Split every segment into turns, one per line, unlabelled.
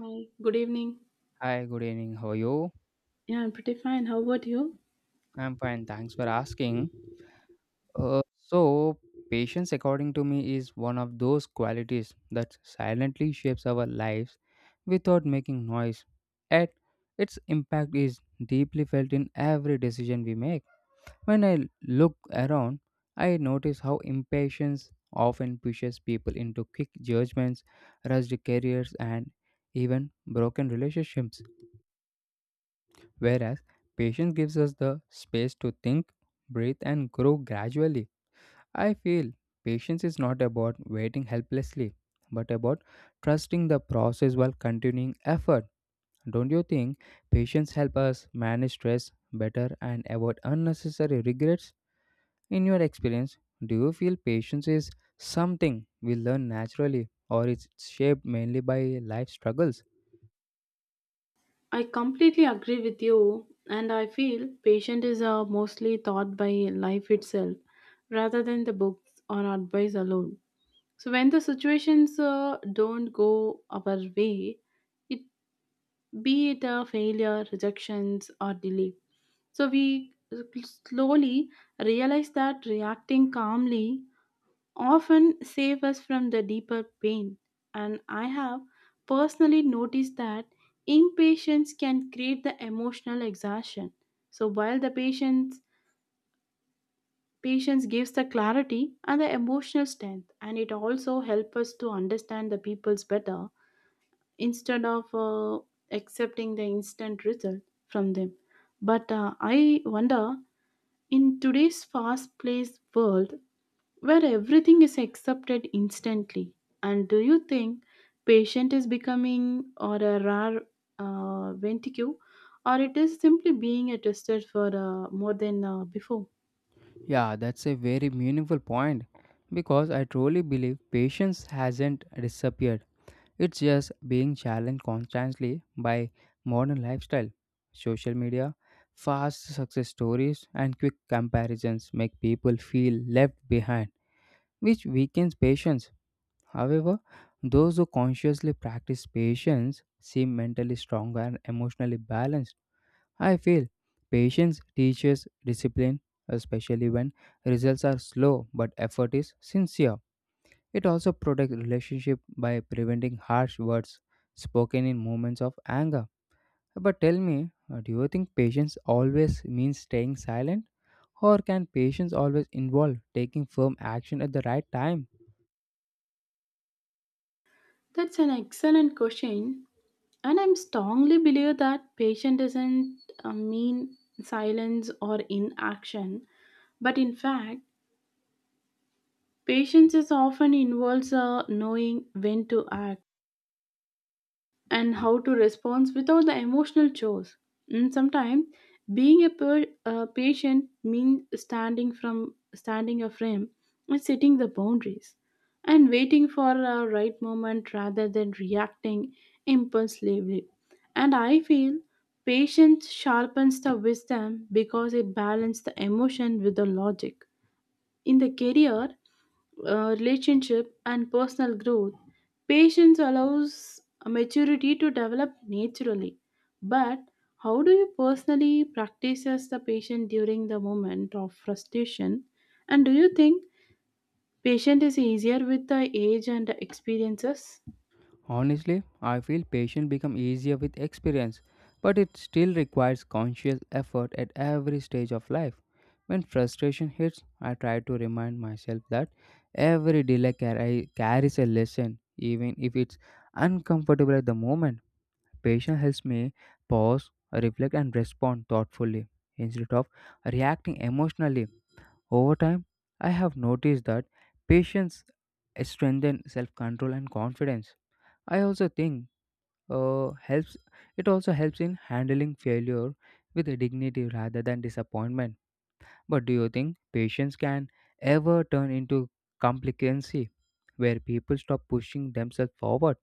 Hi, good evening.
Hi, good evening. How are you?
Yeah, I'm pretty fine. How about you?
I'm fine. Thanks for asking. Uh, so, Patience, according to me, is one of those qualities that silently shapes our lives without making noise. Yet, its impact is deeply felt in every decision we make. When I look around, I notice how impatience often pushes people into quick judgments, rushed careers, and even broken relationships, whereas patience gives us the space to think, breathe, and grow gradually. I feel patience is not about waiting helplessly, but about trusting the process while continuing effort. Don't you think patience helps us manage stress better and avoid unnecessary regrets? In your experience, do you feel patience is something we learn naturally or it's shaped mainly by life struggles?
I completely agree with you, and I feel patient is mostly taught by life itself rather than the books or advice alone. So when the situations don't go our way, it be it a failure, rejections, or delay. So we slowly realize that reacting calmly often save us from the deeper pain. And I have personally noticed that impatience can create the emotional exhaustion. So while the patience gives the clarity and the emotional strength, and it also helps us to understand the people's better instead of accepting the instant result from them. But I wonder, in today's fast-paced world, where everything is accepted instantly. And do you think patient is becoming or a rare venticue, or it is simply being a tested for more than before?
Yeah, that's a very meaningful point because I truly believe patience hasn't disappeared. It's just being challenged constantly by modern lifestyle. Social media, fast success stories, and quick comparisons make people feel left behind, which weakens patience. However, those who consciously practice patience seem mentally stronger and emotionally balanced. I feel patience teaches discipline, especially when results are slow but effort is sincere. It also protects relationship by preventing harsh words spoken in moments of anger. But tell me, do you think patience always means staying silent? Or can patience always involve taking firm action at the right time?
That's an excellent question, and I'm strongly believe that patient doesn't mean silence or inaction, but in fact, patience is often involves knowing when to act and how to respond without the emotional chores. And sometimes being a, per, a patient means standing from standing a frame and setting the boundaries and waiting for a right moment rather than reacting impulsively. And I feel patience sharpens the wisdom because it balances the emotion with the logic. In the career, relationship and personal growth, patience allows maturity to develop naturally. But how do you personally practice as the patient during the moment of frustration? And do you think patient is easier with the age and the experiences?
Honestly, I feel patience become easier with experience, but it still requires conscious effort at every stage of life. When frustration hits, I try to remind myself that every carries a lesson, even if it's uncomfortable at the moment. Patience helps me pause, reflect, and respond thoughtfully instead of reacting emotionally. Over time, I have noticed that patience strengthens self control and confidence. I also think helps it also helps in handling failure with a dignity rather than disappointment. But do you think patience can ever turn into complacency where people stop pushing themselves forward?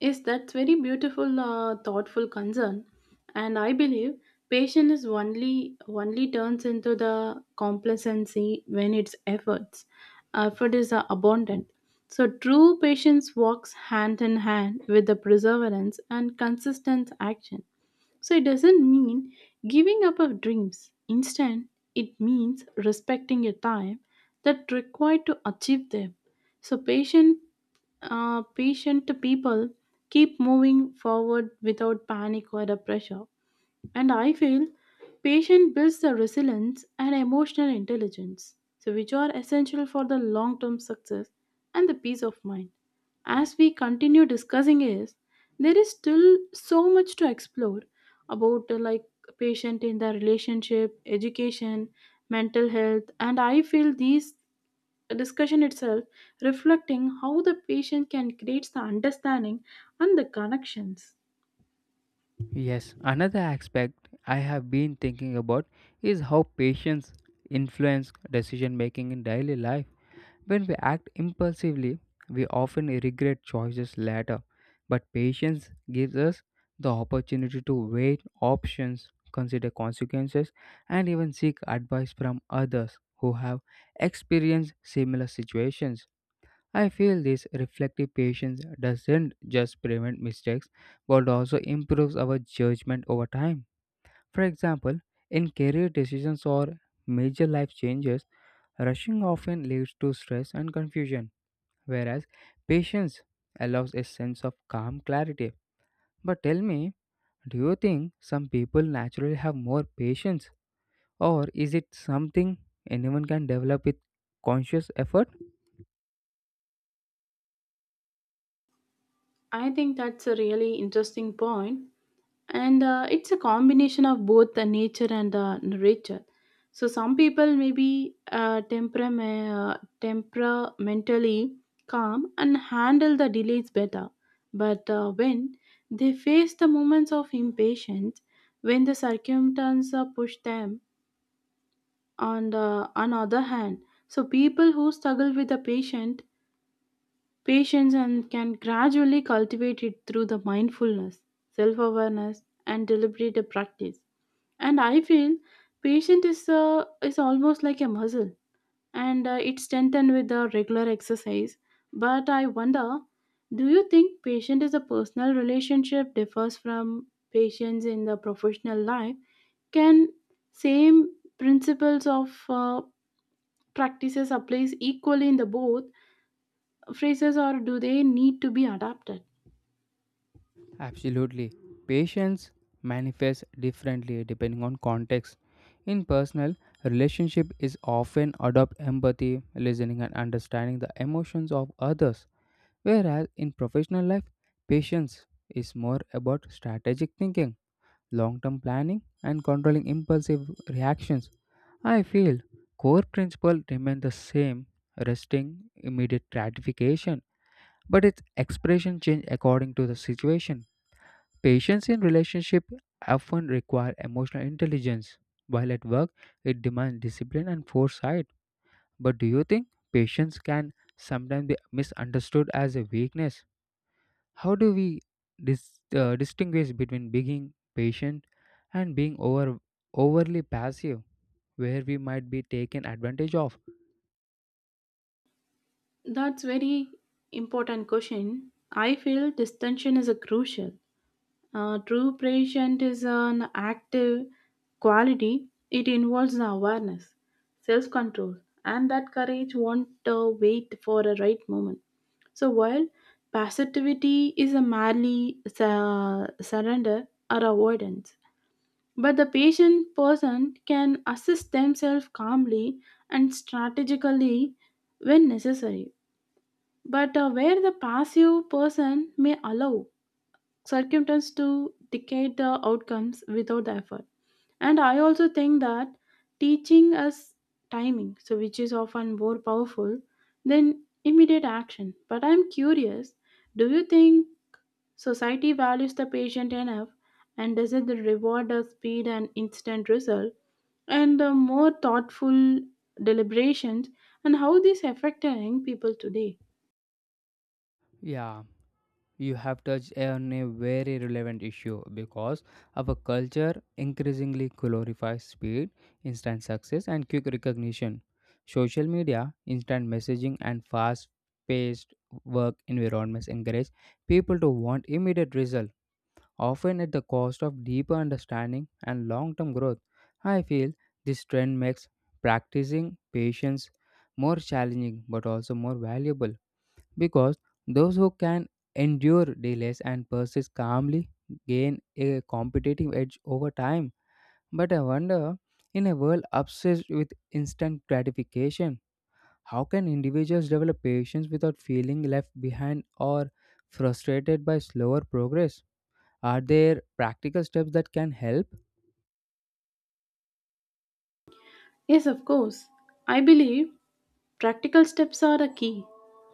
Yes, that's very beautiful, thoughtful concern, and I believe patience is only turns into the complacency when its effort is abundant. So true patience walks hand in hand with the perseverance and consistent action. So it doesn't mean giving up of dreams. Instead, it means respecting a time that required to achieve them. So patient, patient people keep moving forward without panic or a pressure. And I feel patience builds the resilience and emotional intelligence, so which are essential for the long-term success and the peace of mind. As we continue discussing is, there is still so much to explore about like patient in the relationship, education, mental health, and I feel these discussion itself reflecting how the patient can create the understanding and the connections.
Yes, another aspect I have been thinking about is how patience influence decision making in daily life. When we act impulsively, we often regret choices later, but patience gives us the opportunity to weigh options, consider consequences, and even seek advice from others who have experienced similar situations. I feel this reflective patience doesn't just prevent mistakes but also improves our judgment over time. For example, in career decisions or major life changes, rushing often leads to stress and confusion, whereas patience allows a sense of calm clarity. But tell me, do you think some people naturally have more patience, or is it something anyone can develop with conscious effort?
I think that's a really interesting point and it's a combination of both the nature and the nurture. So some people may be temperamentally calm and handle the delays better but when they face the moments of impatience when the circumstances push them on the on other hand. So people who struggle with the patient patience and can gradually cultivate it through the mindfulness, self-awareness and deliberate practice. And I feel patient is almost like a muscle, and it's strengthened with the regular exercise. But I wonder, do you think patient is a personal relationship differs from patients in the professional life? Can same principles of practices applies equally in the both phrases, or do they need to be adapted?
Absolutely. Patience manifests differently depending on context. In personal, relationship is often adopt empathy, listening and understanding the emotions of others, whereas in professional life, patience is more about strategic thinking, long term planning, and controlling impulsive reactions. I feel core principle remain the same, resting immediate gratification, but its expression change according to the situation. Patience in relationship often require emotional intelligence, while at work it demands discipline and foresight. But do you think patience can sometimes be misunderstood as a weakness? How do we distinguish between being patient and being overly passive, where we might be taken advantage of?
That's very important question. I feel distinction is a crucial. True patient is an active quality. It involves the awareness, self control, and that courage won't wait for a right moment. So while passivity is a merely surrender or avoidance, but the patient person can assist themselves calmly and strategically when necessary. But where the passive person may allow circumstance to dictate the outcomes without the effort. And I also think that teaching us timing, so which is often more powerful than immediate action. But I'm curious, do you think society values the patient enough and does it reward the speed and instant result and the more thoughtful deliberations and how this affect the young people today?
Yeah, you have touched on a very relevant issue because our culture increasingly glorifies speed, instant success, and quick recognition. Social media, instant messaging, and fast paced work environments encourage people to want immediate results often at the cost of deeper understanding and long term growth. I feel this trend makes practicing patience more challenging but also more valuable because those who can endure delays and persist calmly gain a competitive edge over time. But I wonder, in a world obsessed with instant gratification, how can individuals develop patience without feeling left behind or frustrated by slower progress? Are there practical steps that can help?
Yes, of course. I believe practical steps are a key.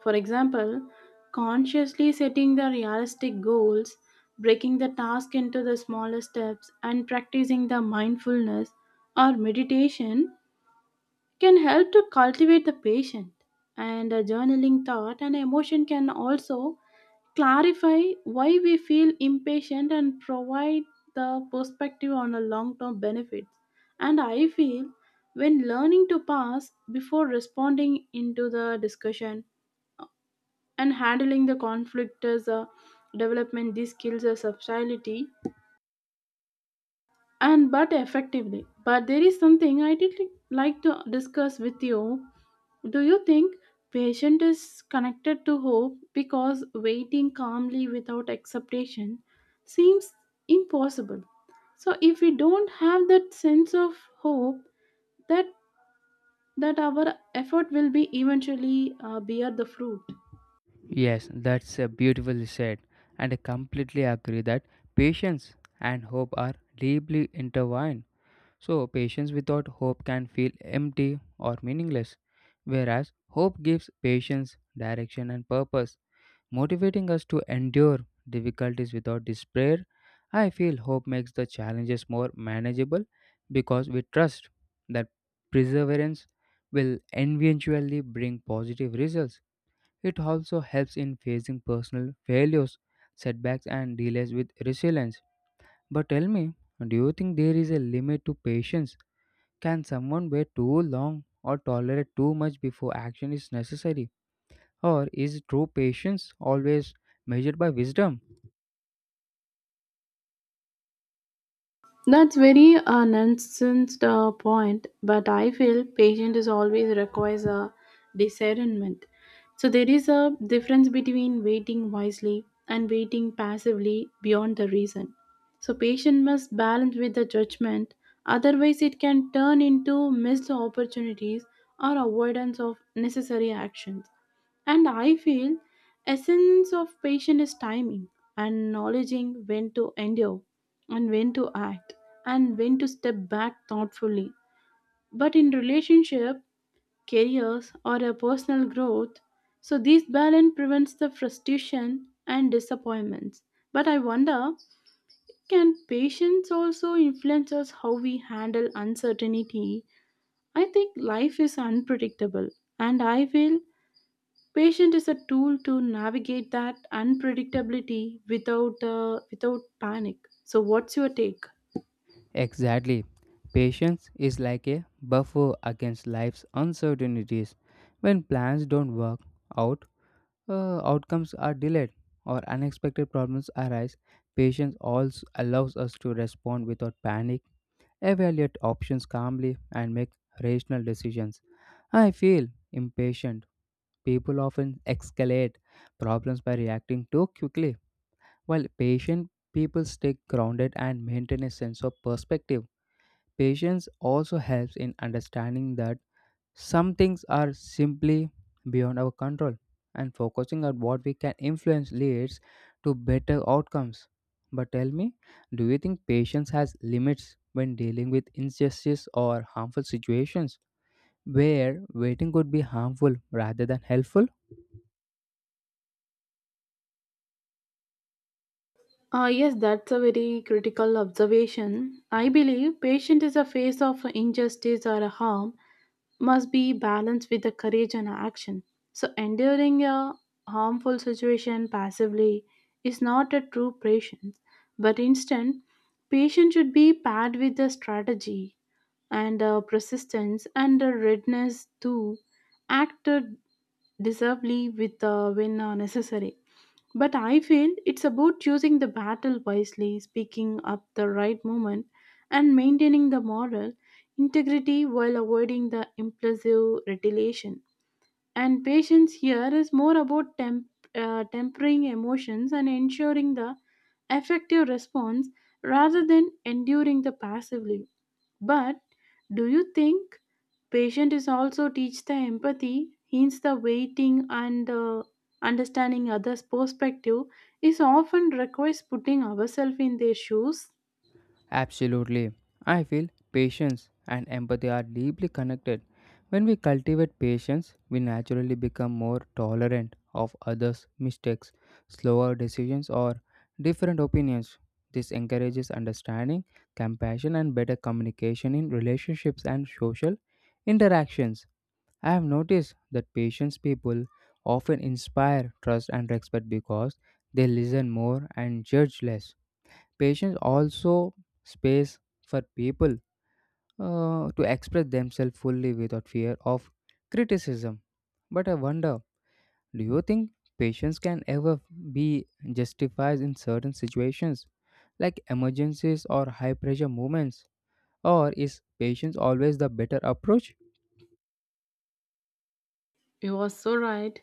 For example, consciously setting the realistic goals, breaking the task into the smaller steps, and practicing the mindfulness or meditation can help to cultivate the patient. And journaling thought and emotion can also clarify why we feel impatient and provide the perspective on the long term benefits. And I feel when learning to pause before responding into the discussion and handling the conflict as a development these skills as subtlety and but effectively. But there is something I did like to discuss with you. Do you think patience is connected to hope because waiting calmly without expectation seems impossible? So if we don't have that sense of hope, that that our effort will be eventually bear the fruit.
Yes, that's beautifully said, and I completely agree that patience and hope are deeply intertwined. So, patience without hope can feel empty or meaningless, whereas hope gives patience direction and purpose, motivating us to endure difficulties without despair. I feel hope makes the challenges more manageable because we trust that perseverance will eventually bring positive results. It also helps in facing personal failures, setbacks, and delays with resilience. But tell me, do you think there is a limit to patience? Can someone wait too long or tolerate too much before action is necessary? Or is true patience always measured by wisdom?
That's very nonsense point, but I feel patient is always requires a discernment. So there is a difference between waiting wisely and waiting passively beyond the reason. So patient must balance with the judgment, otherwise it can turn into missed opportunities or avoidance of necessary actions. And I feel essence of patient is timing and acknowledging when to endure and when to act and when to step back thoughtfully. But in relationship, careers, or a personal growth, so this balance prevents the frustration and disappointments. But I wonder, can patience also influence us how we handle uncertainty? I think life is unpredictable, and I feel patience is a tool to navigate that unpredictability without without panic. So, what's your take?
Exactly. Patience is like a buffer against life's uncertainties. When plans don't work out, outcomes are delayed, or unexpected problems arise. Patience also allows us to respond without panic, evaluate options calmly, and make rational decisions. I feel impatient. People often escalate problems by reacting too quickly. While patient, people stay grounded and maintain a sense of perspective. Patience also helps in understanding that some things are simply beyond our control, and focusing on what we can influence leads to better outcomes. But tell me, do you think patience has limits when dealing with injustice or harmful situations where waiting could be harmful rather than helpful?
Yes, that's a very critical observation. I believe patient is a face of injustice or a harm must be balanced with the courage and action. So enduring a harmful situation passively is not a true patience, but instead, patience should be paired with the strategy and persistence and the readiness to act deservedly with when necessary. But I feel it's about choosing the battle wisely, speaking up the right moment, and maintaining the moral integrity while avoiding the impulsive retaliation. And patience here is more about tempering emotions and ensuring the effective response rather than enduring the passively. But do you think patient is also teach the empathy, hence the waiting and understanding others' perspective is often requires putting ourselves in their shoes.
Absolutely. I feel patience and empathy are deeply connected. When we cultivate patience, we naturally become more tolerant of others' mistakes, slower decisions, or different opinions. This encourages understanding, compassion, and better communication in relationships and social interactions. I have noticed that patient people often inspire trust and respect because they listen more and judge less. Patience also space for people to express themselves fully without fear of criticism. But I wonder, do you think patience can ever be justified in certain situations like emergencies or high pressure moments? Or is patience always the better approach?
You are so right.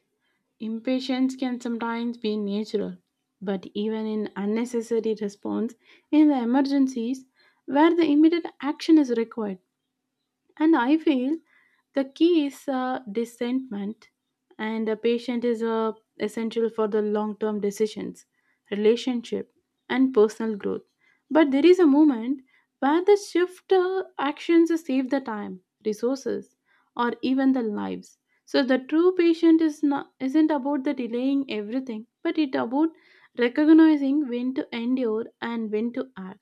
Impatience can sometimes be natural, but even in unnecessary response in the emergencies where the immediate action is required. And I feel the key is discernment, and a patient is essential for the long term decisions, relationship, and personal growth. But there is a moment where the shift actions save the time, resources, or even the lives. So the true patient is not isn't about the delaying everything, but it about recognizing when to endure and when to act.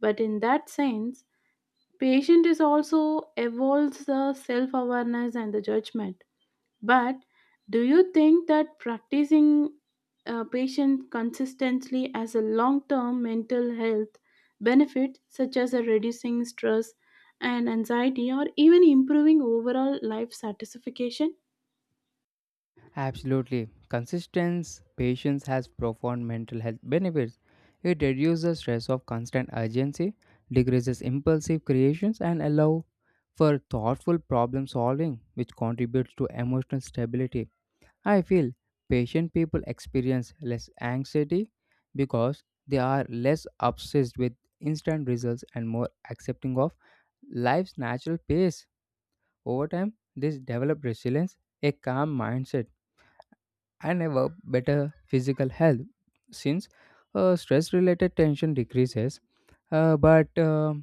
But in that sense, patient is also evolves the self awareness and the judgment. But do you think that practicing patient consistently as a long term mental health benefit, such as a reducing stress and anxiety, or even improving overall life satisfaction?
Absolutely. Consistent patience has profound mental health benefits. It reduces the stress of constant urgency, decreases impulsive creations, and allow for thoughtful problem solving, which contributes to emotional stability. I feel patient people experience less anxiety because they are less obsessed with instant results and more accepting of life's natural pace. Over time, this develop resilience, a calm mindset and above better physical health since stress related tension decreases. But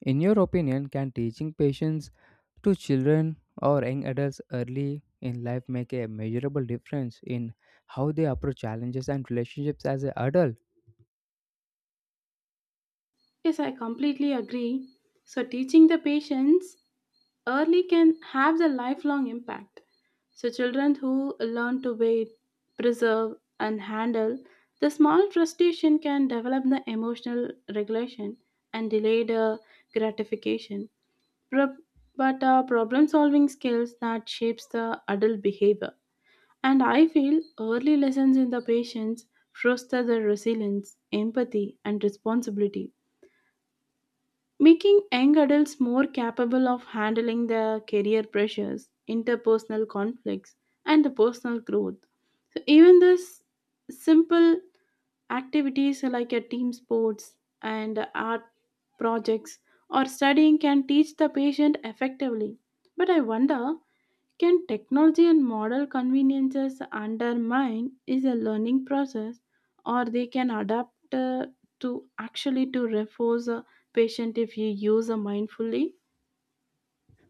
In your opinion, can teaching patience to children or young adults early in life make a measurable difference in how they approach challenges and relationships as an adult?
Yes, I completely agree. So, teaching the patients early can have the lifelong impact. So, children who learn to wait, preserve, and handle the small frustration can develop the emotional regulation and delayed gratification, Pro- but problem-solving skills that shapes the adult behavior. And I feel early lessons in the patience foster the resilience, empathy, and responsibility making young adults more capable of handling their career pressures, interpersonal conflicts, and the personal growth. So even this simple activities like a team sports and art projects or studying can teach the patient effectively. But I wonder, can technology and modern conveniences undermine is a learning process or they can adapt to actually to reinforce a patient if you use a mindfully?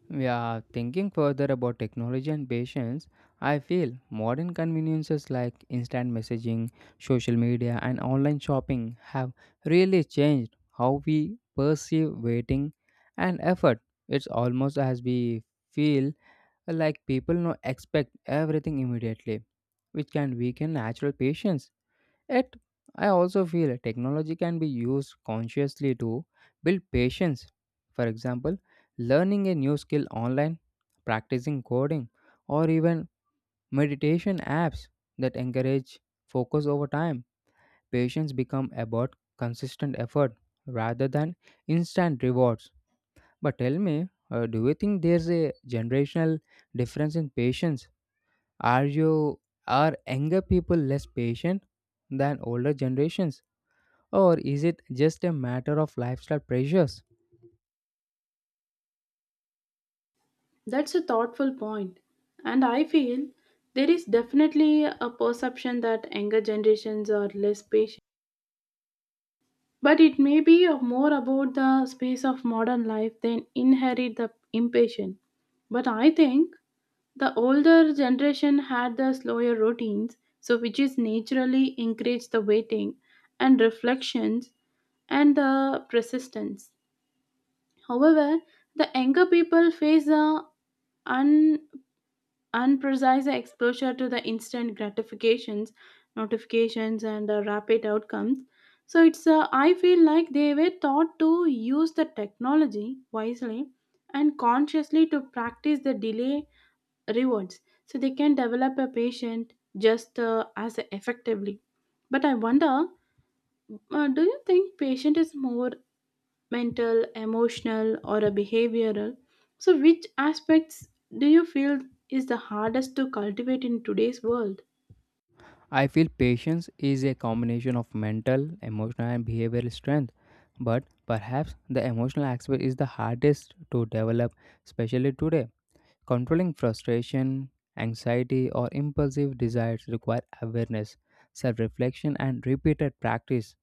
Yeah, thinking further about technology and patience, I feel modern conveniences like instant messaging, social media, and online shopping have really changed how we perceive waiting and effort. It's almost as we feel like people now expect everything immediately, which can weaken natural patience. Yet, I also feel technology can be used consciously to build patience. For example, learning a new skill online, practicing coding, or even meditation apps that encourage focus over time. Patience become about consistent effort rather than instant rewards. But tell me, do you think there's a generational difference in patience? Are you are younger people less patient than older generations? Or is it just a matter of lifestyle pressures?
That's a thoughtful point. And I feel there is definitely a perception that younger generations are less patient. But it may be of more about the space of modern life than inherit the impatient. But I think the older generation had the slower routines, so which is naturally encouraged the waiting and reflections and the persistence. However, the younger people face a un- unprecise exposure to the instant gratifications, notifications, and the rapid outcomes. So it's I feel like they were taught to use the technology wisely and consciously to practice the delay rewards so they can develop a patient just as effectively. But I wonder, do you think patient is more mental emotional or a behavioral so which aspects do you feel is the hardest to cultivate in today's world?
I feel patience is a combination of mental, emotional, and behavioral strength. But perhaps the emotional aspect is the hardest to develop, especially today. Controlling frustration, anxiety, or impulsive desires require awareness, self reflection, and repeated practice,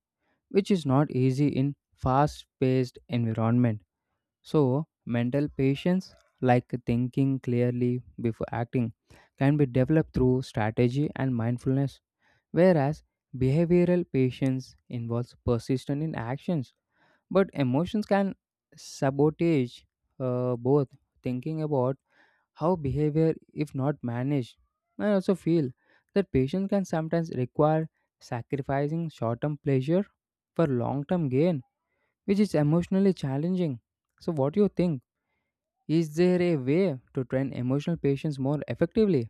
which is not easy in fast paced environment. So, mental patience, like thinking clearly before acting, can be developed through strategy and mindfulness, whereas behavioral patience involves persistence in actions. But emotions can sabotage both. Thinking about how behavior, if not managed, I also feel that patience can sometimes require sacrificing short term pleasure for long term gain, which is emotionally challenging. So, what do you think? Is there a way to train emotional patience more effectively?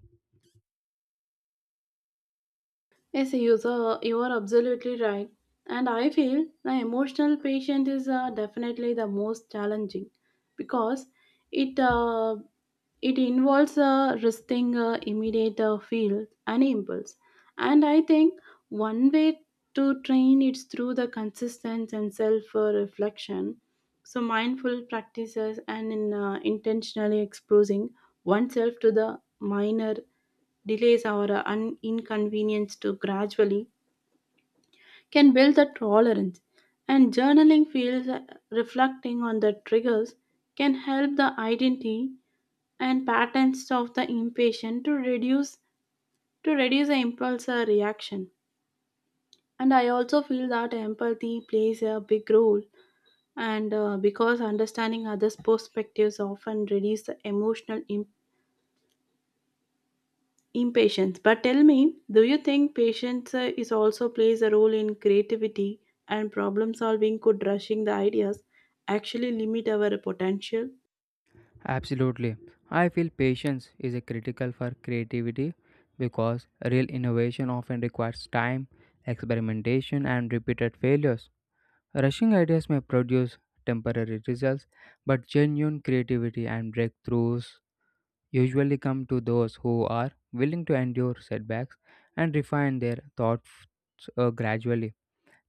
Yes, you are absolutely right. And I feel the emotional patient is definitely the most challenging because it uh, it involves resisting immediate feel and impulse. And I think one way to train it's through the consistent and self reflection. So mindful practices and in intentionally exposing oneself to the minor delays or inconvenience to gradually can build the tolerance. And journaling feels reflecting on the triggers can help the identity and patterns of the impatient to reduce the impulse reaction. And I also feel that empathy plays a big role and because understanding others perspectives often reduce the emotional impact impatience. But tell me, do you think patience is also plays a role in creativity and problem solving? Could rushing the ideas actually limit our potential?
Absolutely. I feel patience is a critical for creativity because real innovation often requires time, experimentation, and repeated failures. Rushing ideas may produce temporary results, but genuine creativity and breakthroughs usually come to those who are willing to endure setbacks and refine their thoughts gradually.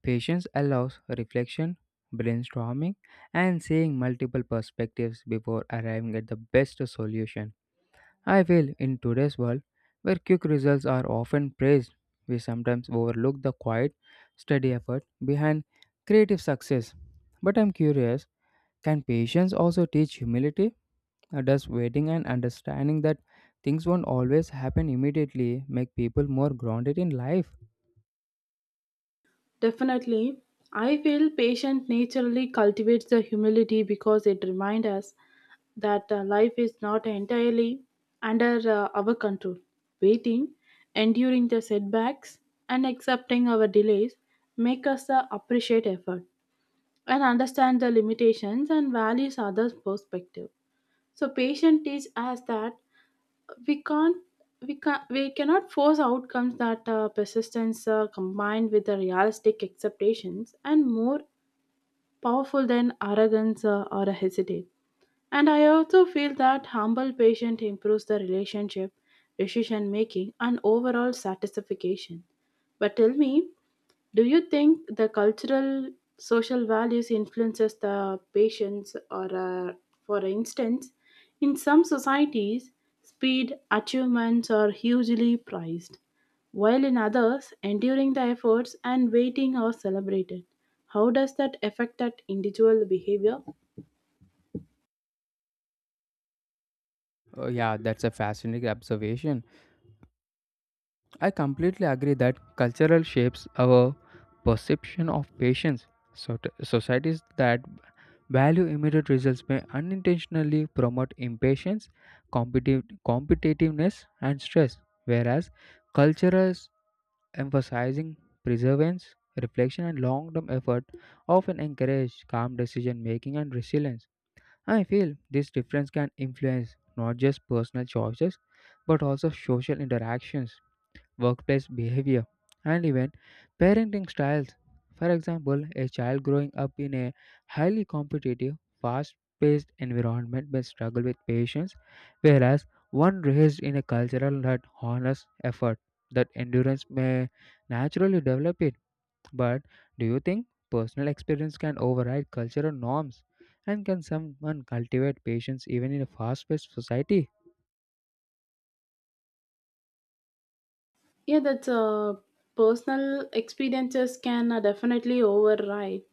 Patience allows reflection, brainstorming, and seeing multiple perspectives before arriving at the best solution. I feel in today's world, where quick results are often praised, we sometimes overlook the quiet, steady effort behind creative success. But I'm curious, can patience also teach humility? Or does waiting and understanding that things won't always happen immediately make people more grounded in life?
Definitely. I feel patience naturally cultivates the humility because it reminds us that life is not entirely under our control. Waiting, enduring the setbacks, and accepting our delays make us appreciate effort and understand the limitations and values others' perspective. So patient teach us that we can't we cannot force outcomes that persistence combined with the realistic expectations and more powerful than arrogance or a hesitate. And I also feel that humble patient improves the relationship, decision making, and overall satisfaction. But tell me, do you think the cultural social values influences the patients or for instance in some societies speed achievements are hugely prized while in others enduring the efforts and waiting are celebrated? How does that affect that individual behavior?
Oh, yeah, that's a fascinating observation. I completely agree that cultural shapes our perception of patience. So societies that value immediate results may unintentionally promote impatience, competitiveness, and stress, whereas cultures emphasizing perseverance, reflection, and long-term effort often encourage calm decision-making and resilience. I feel this difference can influence not just personal choices but also social interactions, workplace behavior, and even parenting styles. For example, a child growing up in a highly competitive, fast paced environment may struggle with patience, whereas one raised in a cultural that honors effort, that endurance may naturally develop it. But do you think personal experience can override cultural norms? And can someone cultivate patience even in a fast paced society?
Yeah, that's personal experiences can definitely override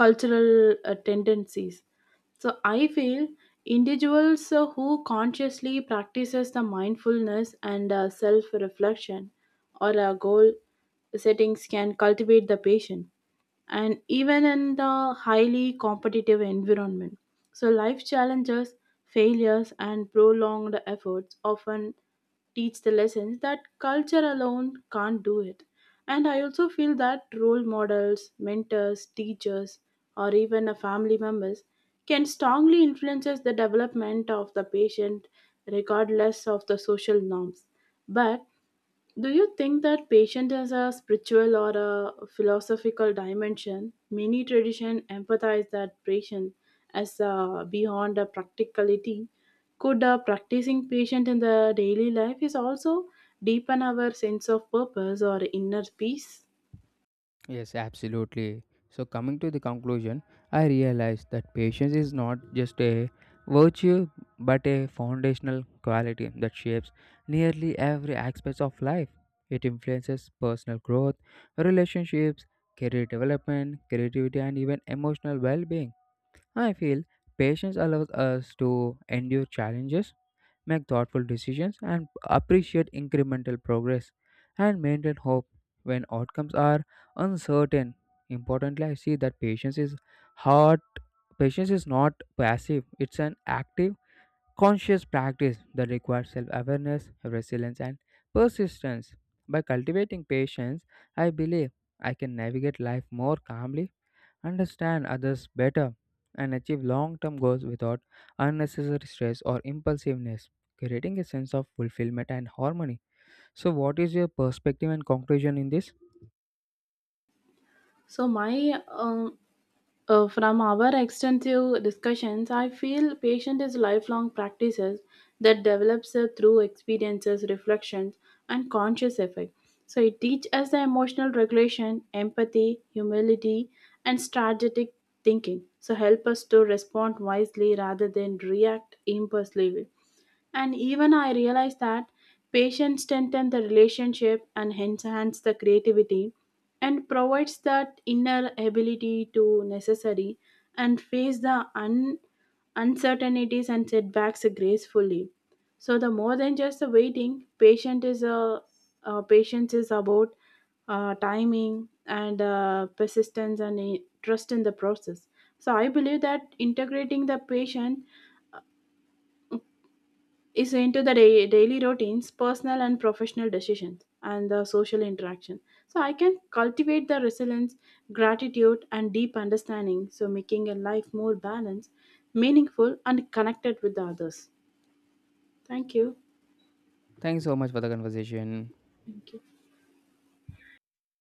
cultural tendencies. So I feel individuals who consciously practices the mindfulness and self reflection or goal settings can cultivate the patient and even in the highly competitive environment. So life challenges, failures and prolonged efforts often teach the lessons that culture alone can't do it. And I also feel that role models, mentors, teachers, or even a family members can strongly influences the development of the patient regardless of the social norms. But do you think that patient has a spiritual or a philosophical dimension? Many traditions emphasize that patient as beyond a practicality. Could a practicing patient in the daily life is also deepen our sense of purpose or inner peace?
Yes, absolutely. So, coming to the conclusion, I realized that patience is not just a virtue but a foundational quality that shapes nearly every aspect of life. It influences personal growth, relationships, career development, creativity, and even emotional well being. I feel patience allows us to endure challenges, make thoughtful decisions, and appreciate incremental progress and maintain hope when outcomes are uncertain. Importantly, I see that patience is hard. Patience is not passive, it's an active, conscious practice that requires self awareness, resilience, and persistence. By cultivating patience, I believe I can navigate life more calmly, understand others better, and achieve long term goals without unnecessary stress or impulsiveness, creating a sense of fulfillment and harmony. So, what is your perspective and conclusion in this?
So my from our extensive discussions, I feel patient is lifelong practices that develops through experiences, reflections, and conscious effort. So it teaches us the emotional regulation, empathy, humility, and strategic thinking. So help us to respond wisely rather than react impulsively. And even I realized that patience strengthens the relationship and enhance the creativity and provides that inner ability to necessary and face the uncertainties and setbacks gracefully. So the more than just the waiting, patient is a patience is about timing and persistence and trust in the process. So I believe that integrating the patient is into the daily routines, personal and professional decisions, and the social interaction. So I can cultivate the resilience, gratitude, and deep understanding, so making a life more balanced, meaningful, and connected with the others. Thank you.
Thanks so much for the conversation.
Thank you.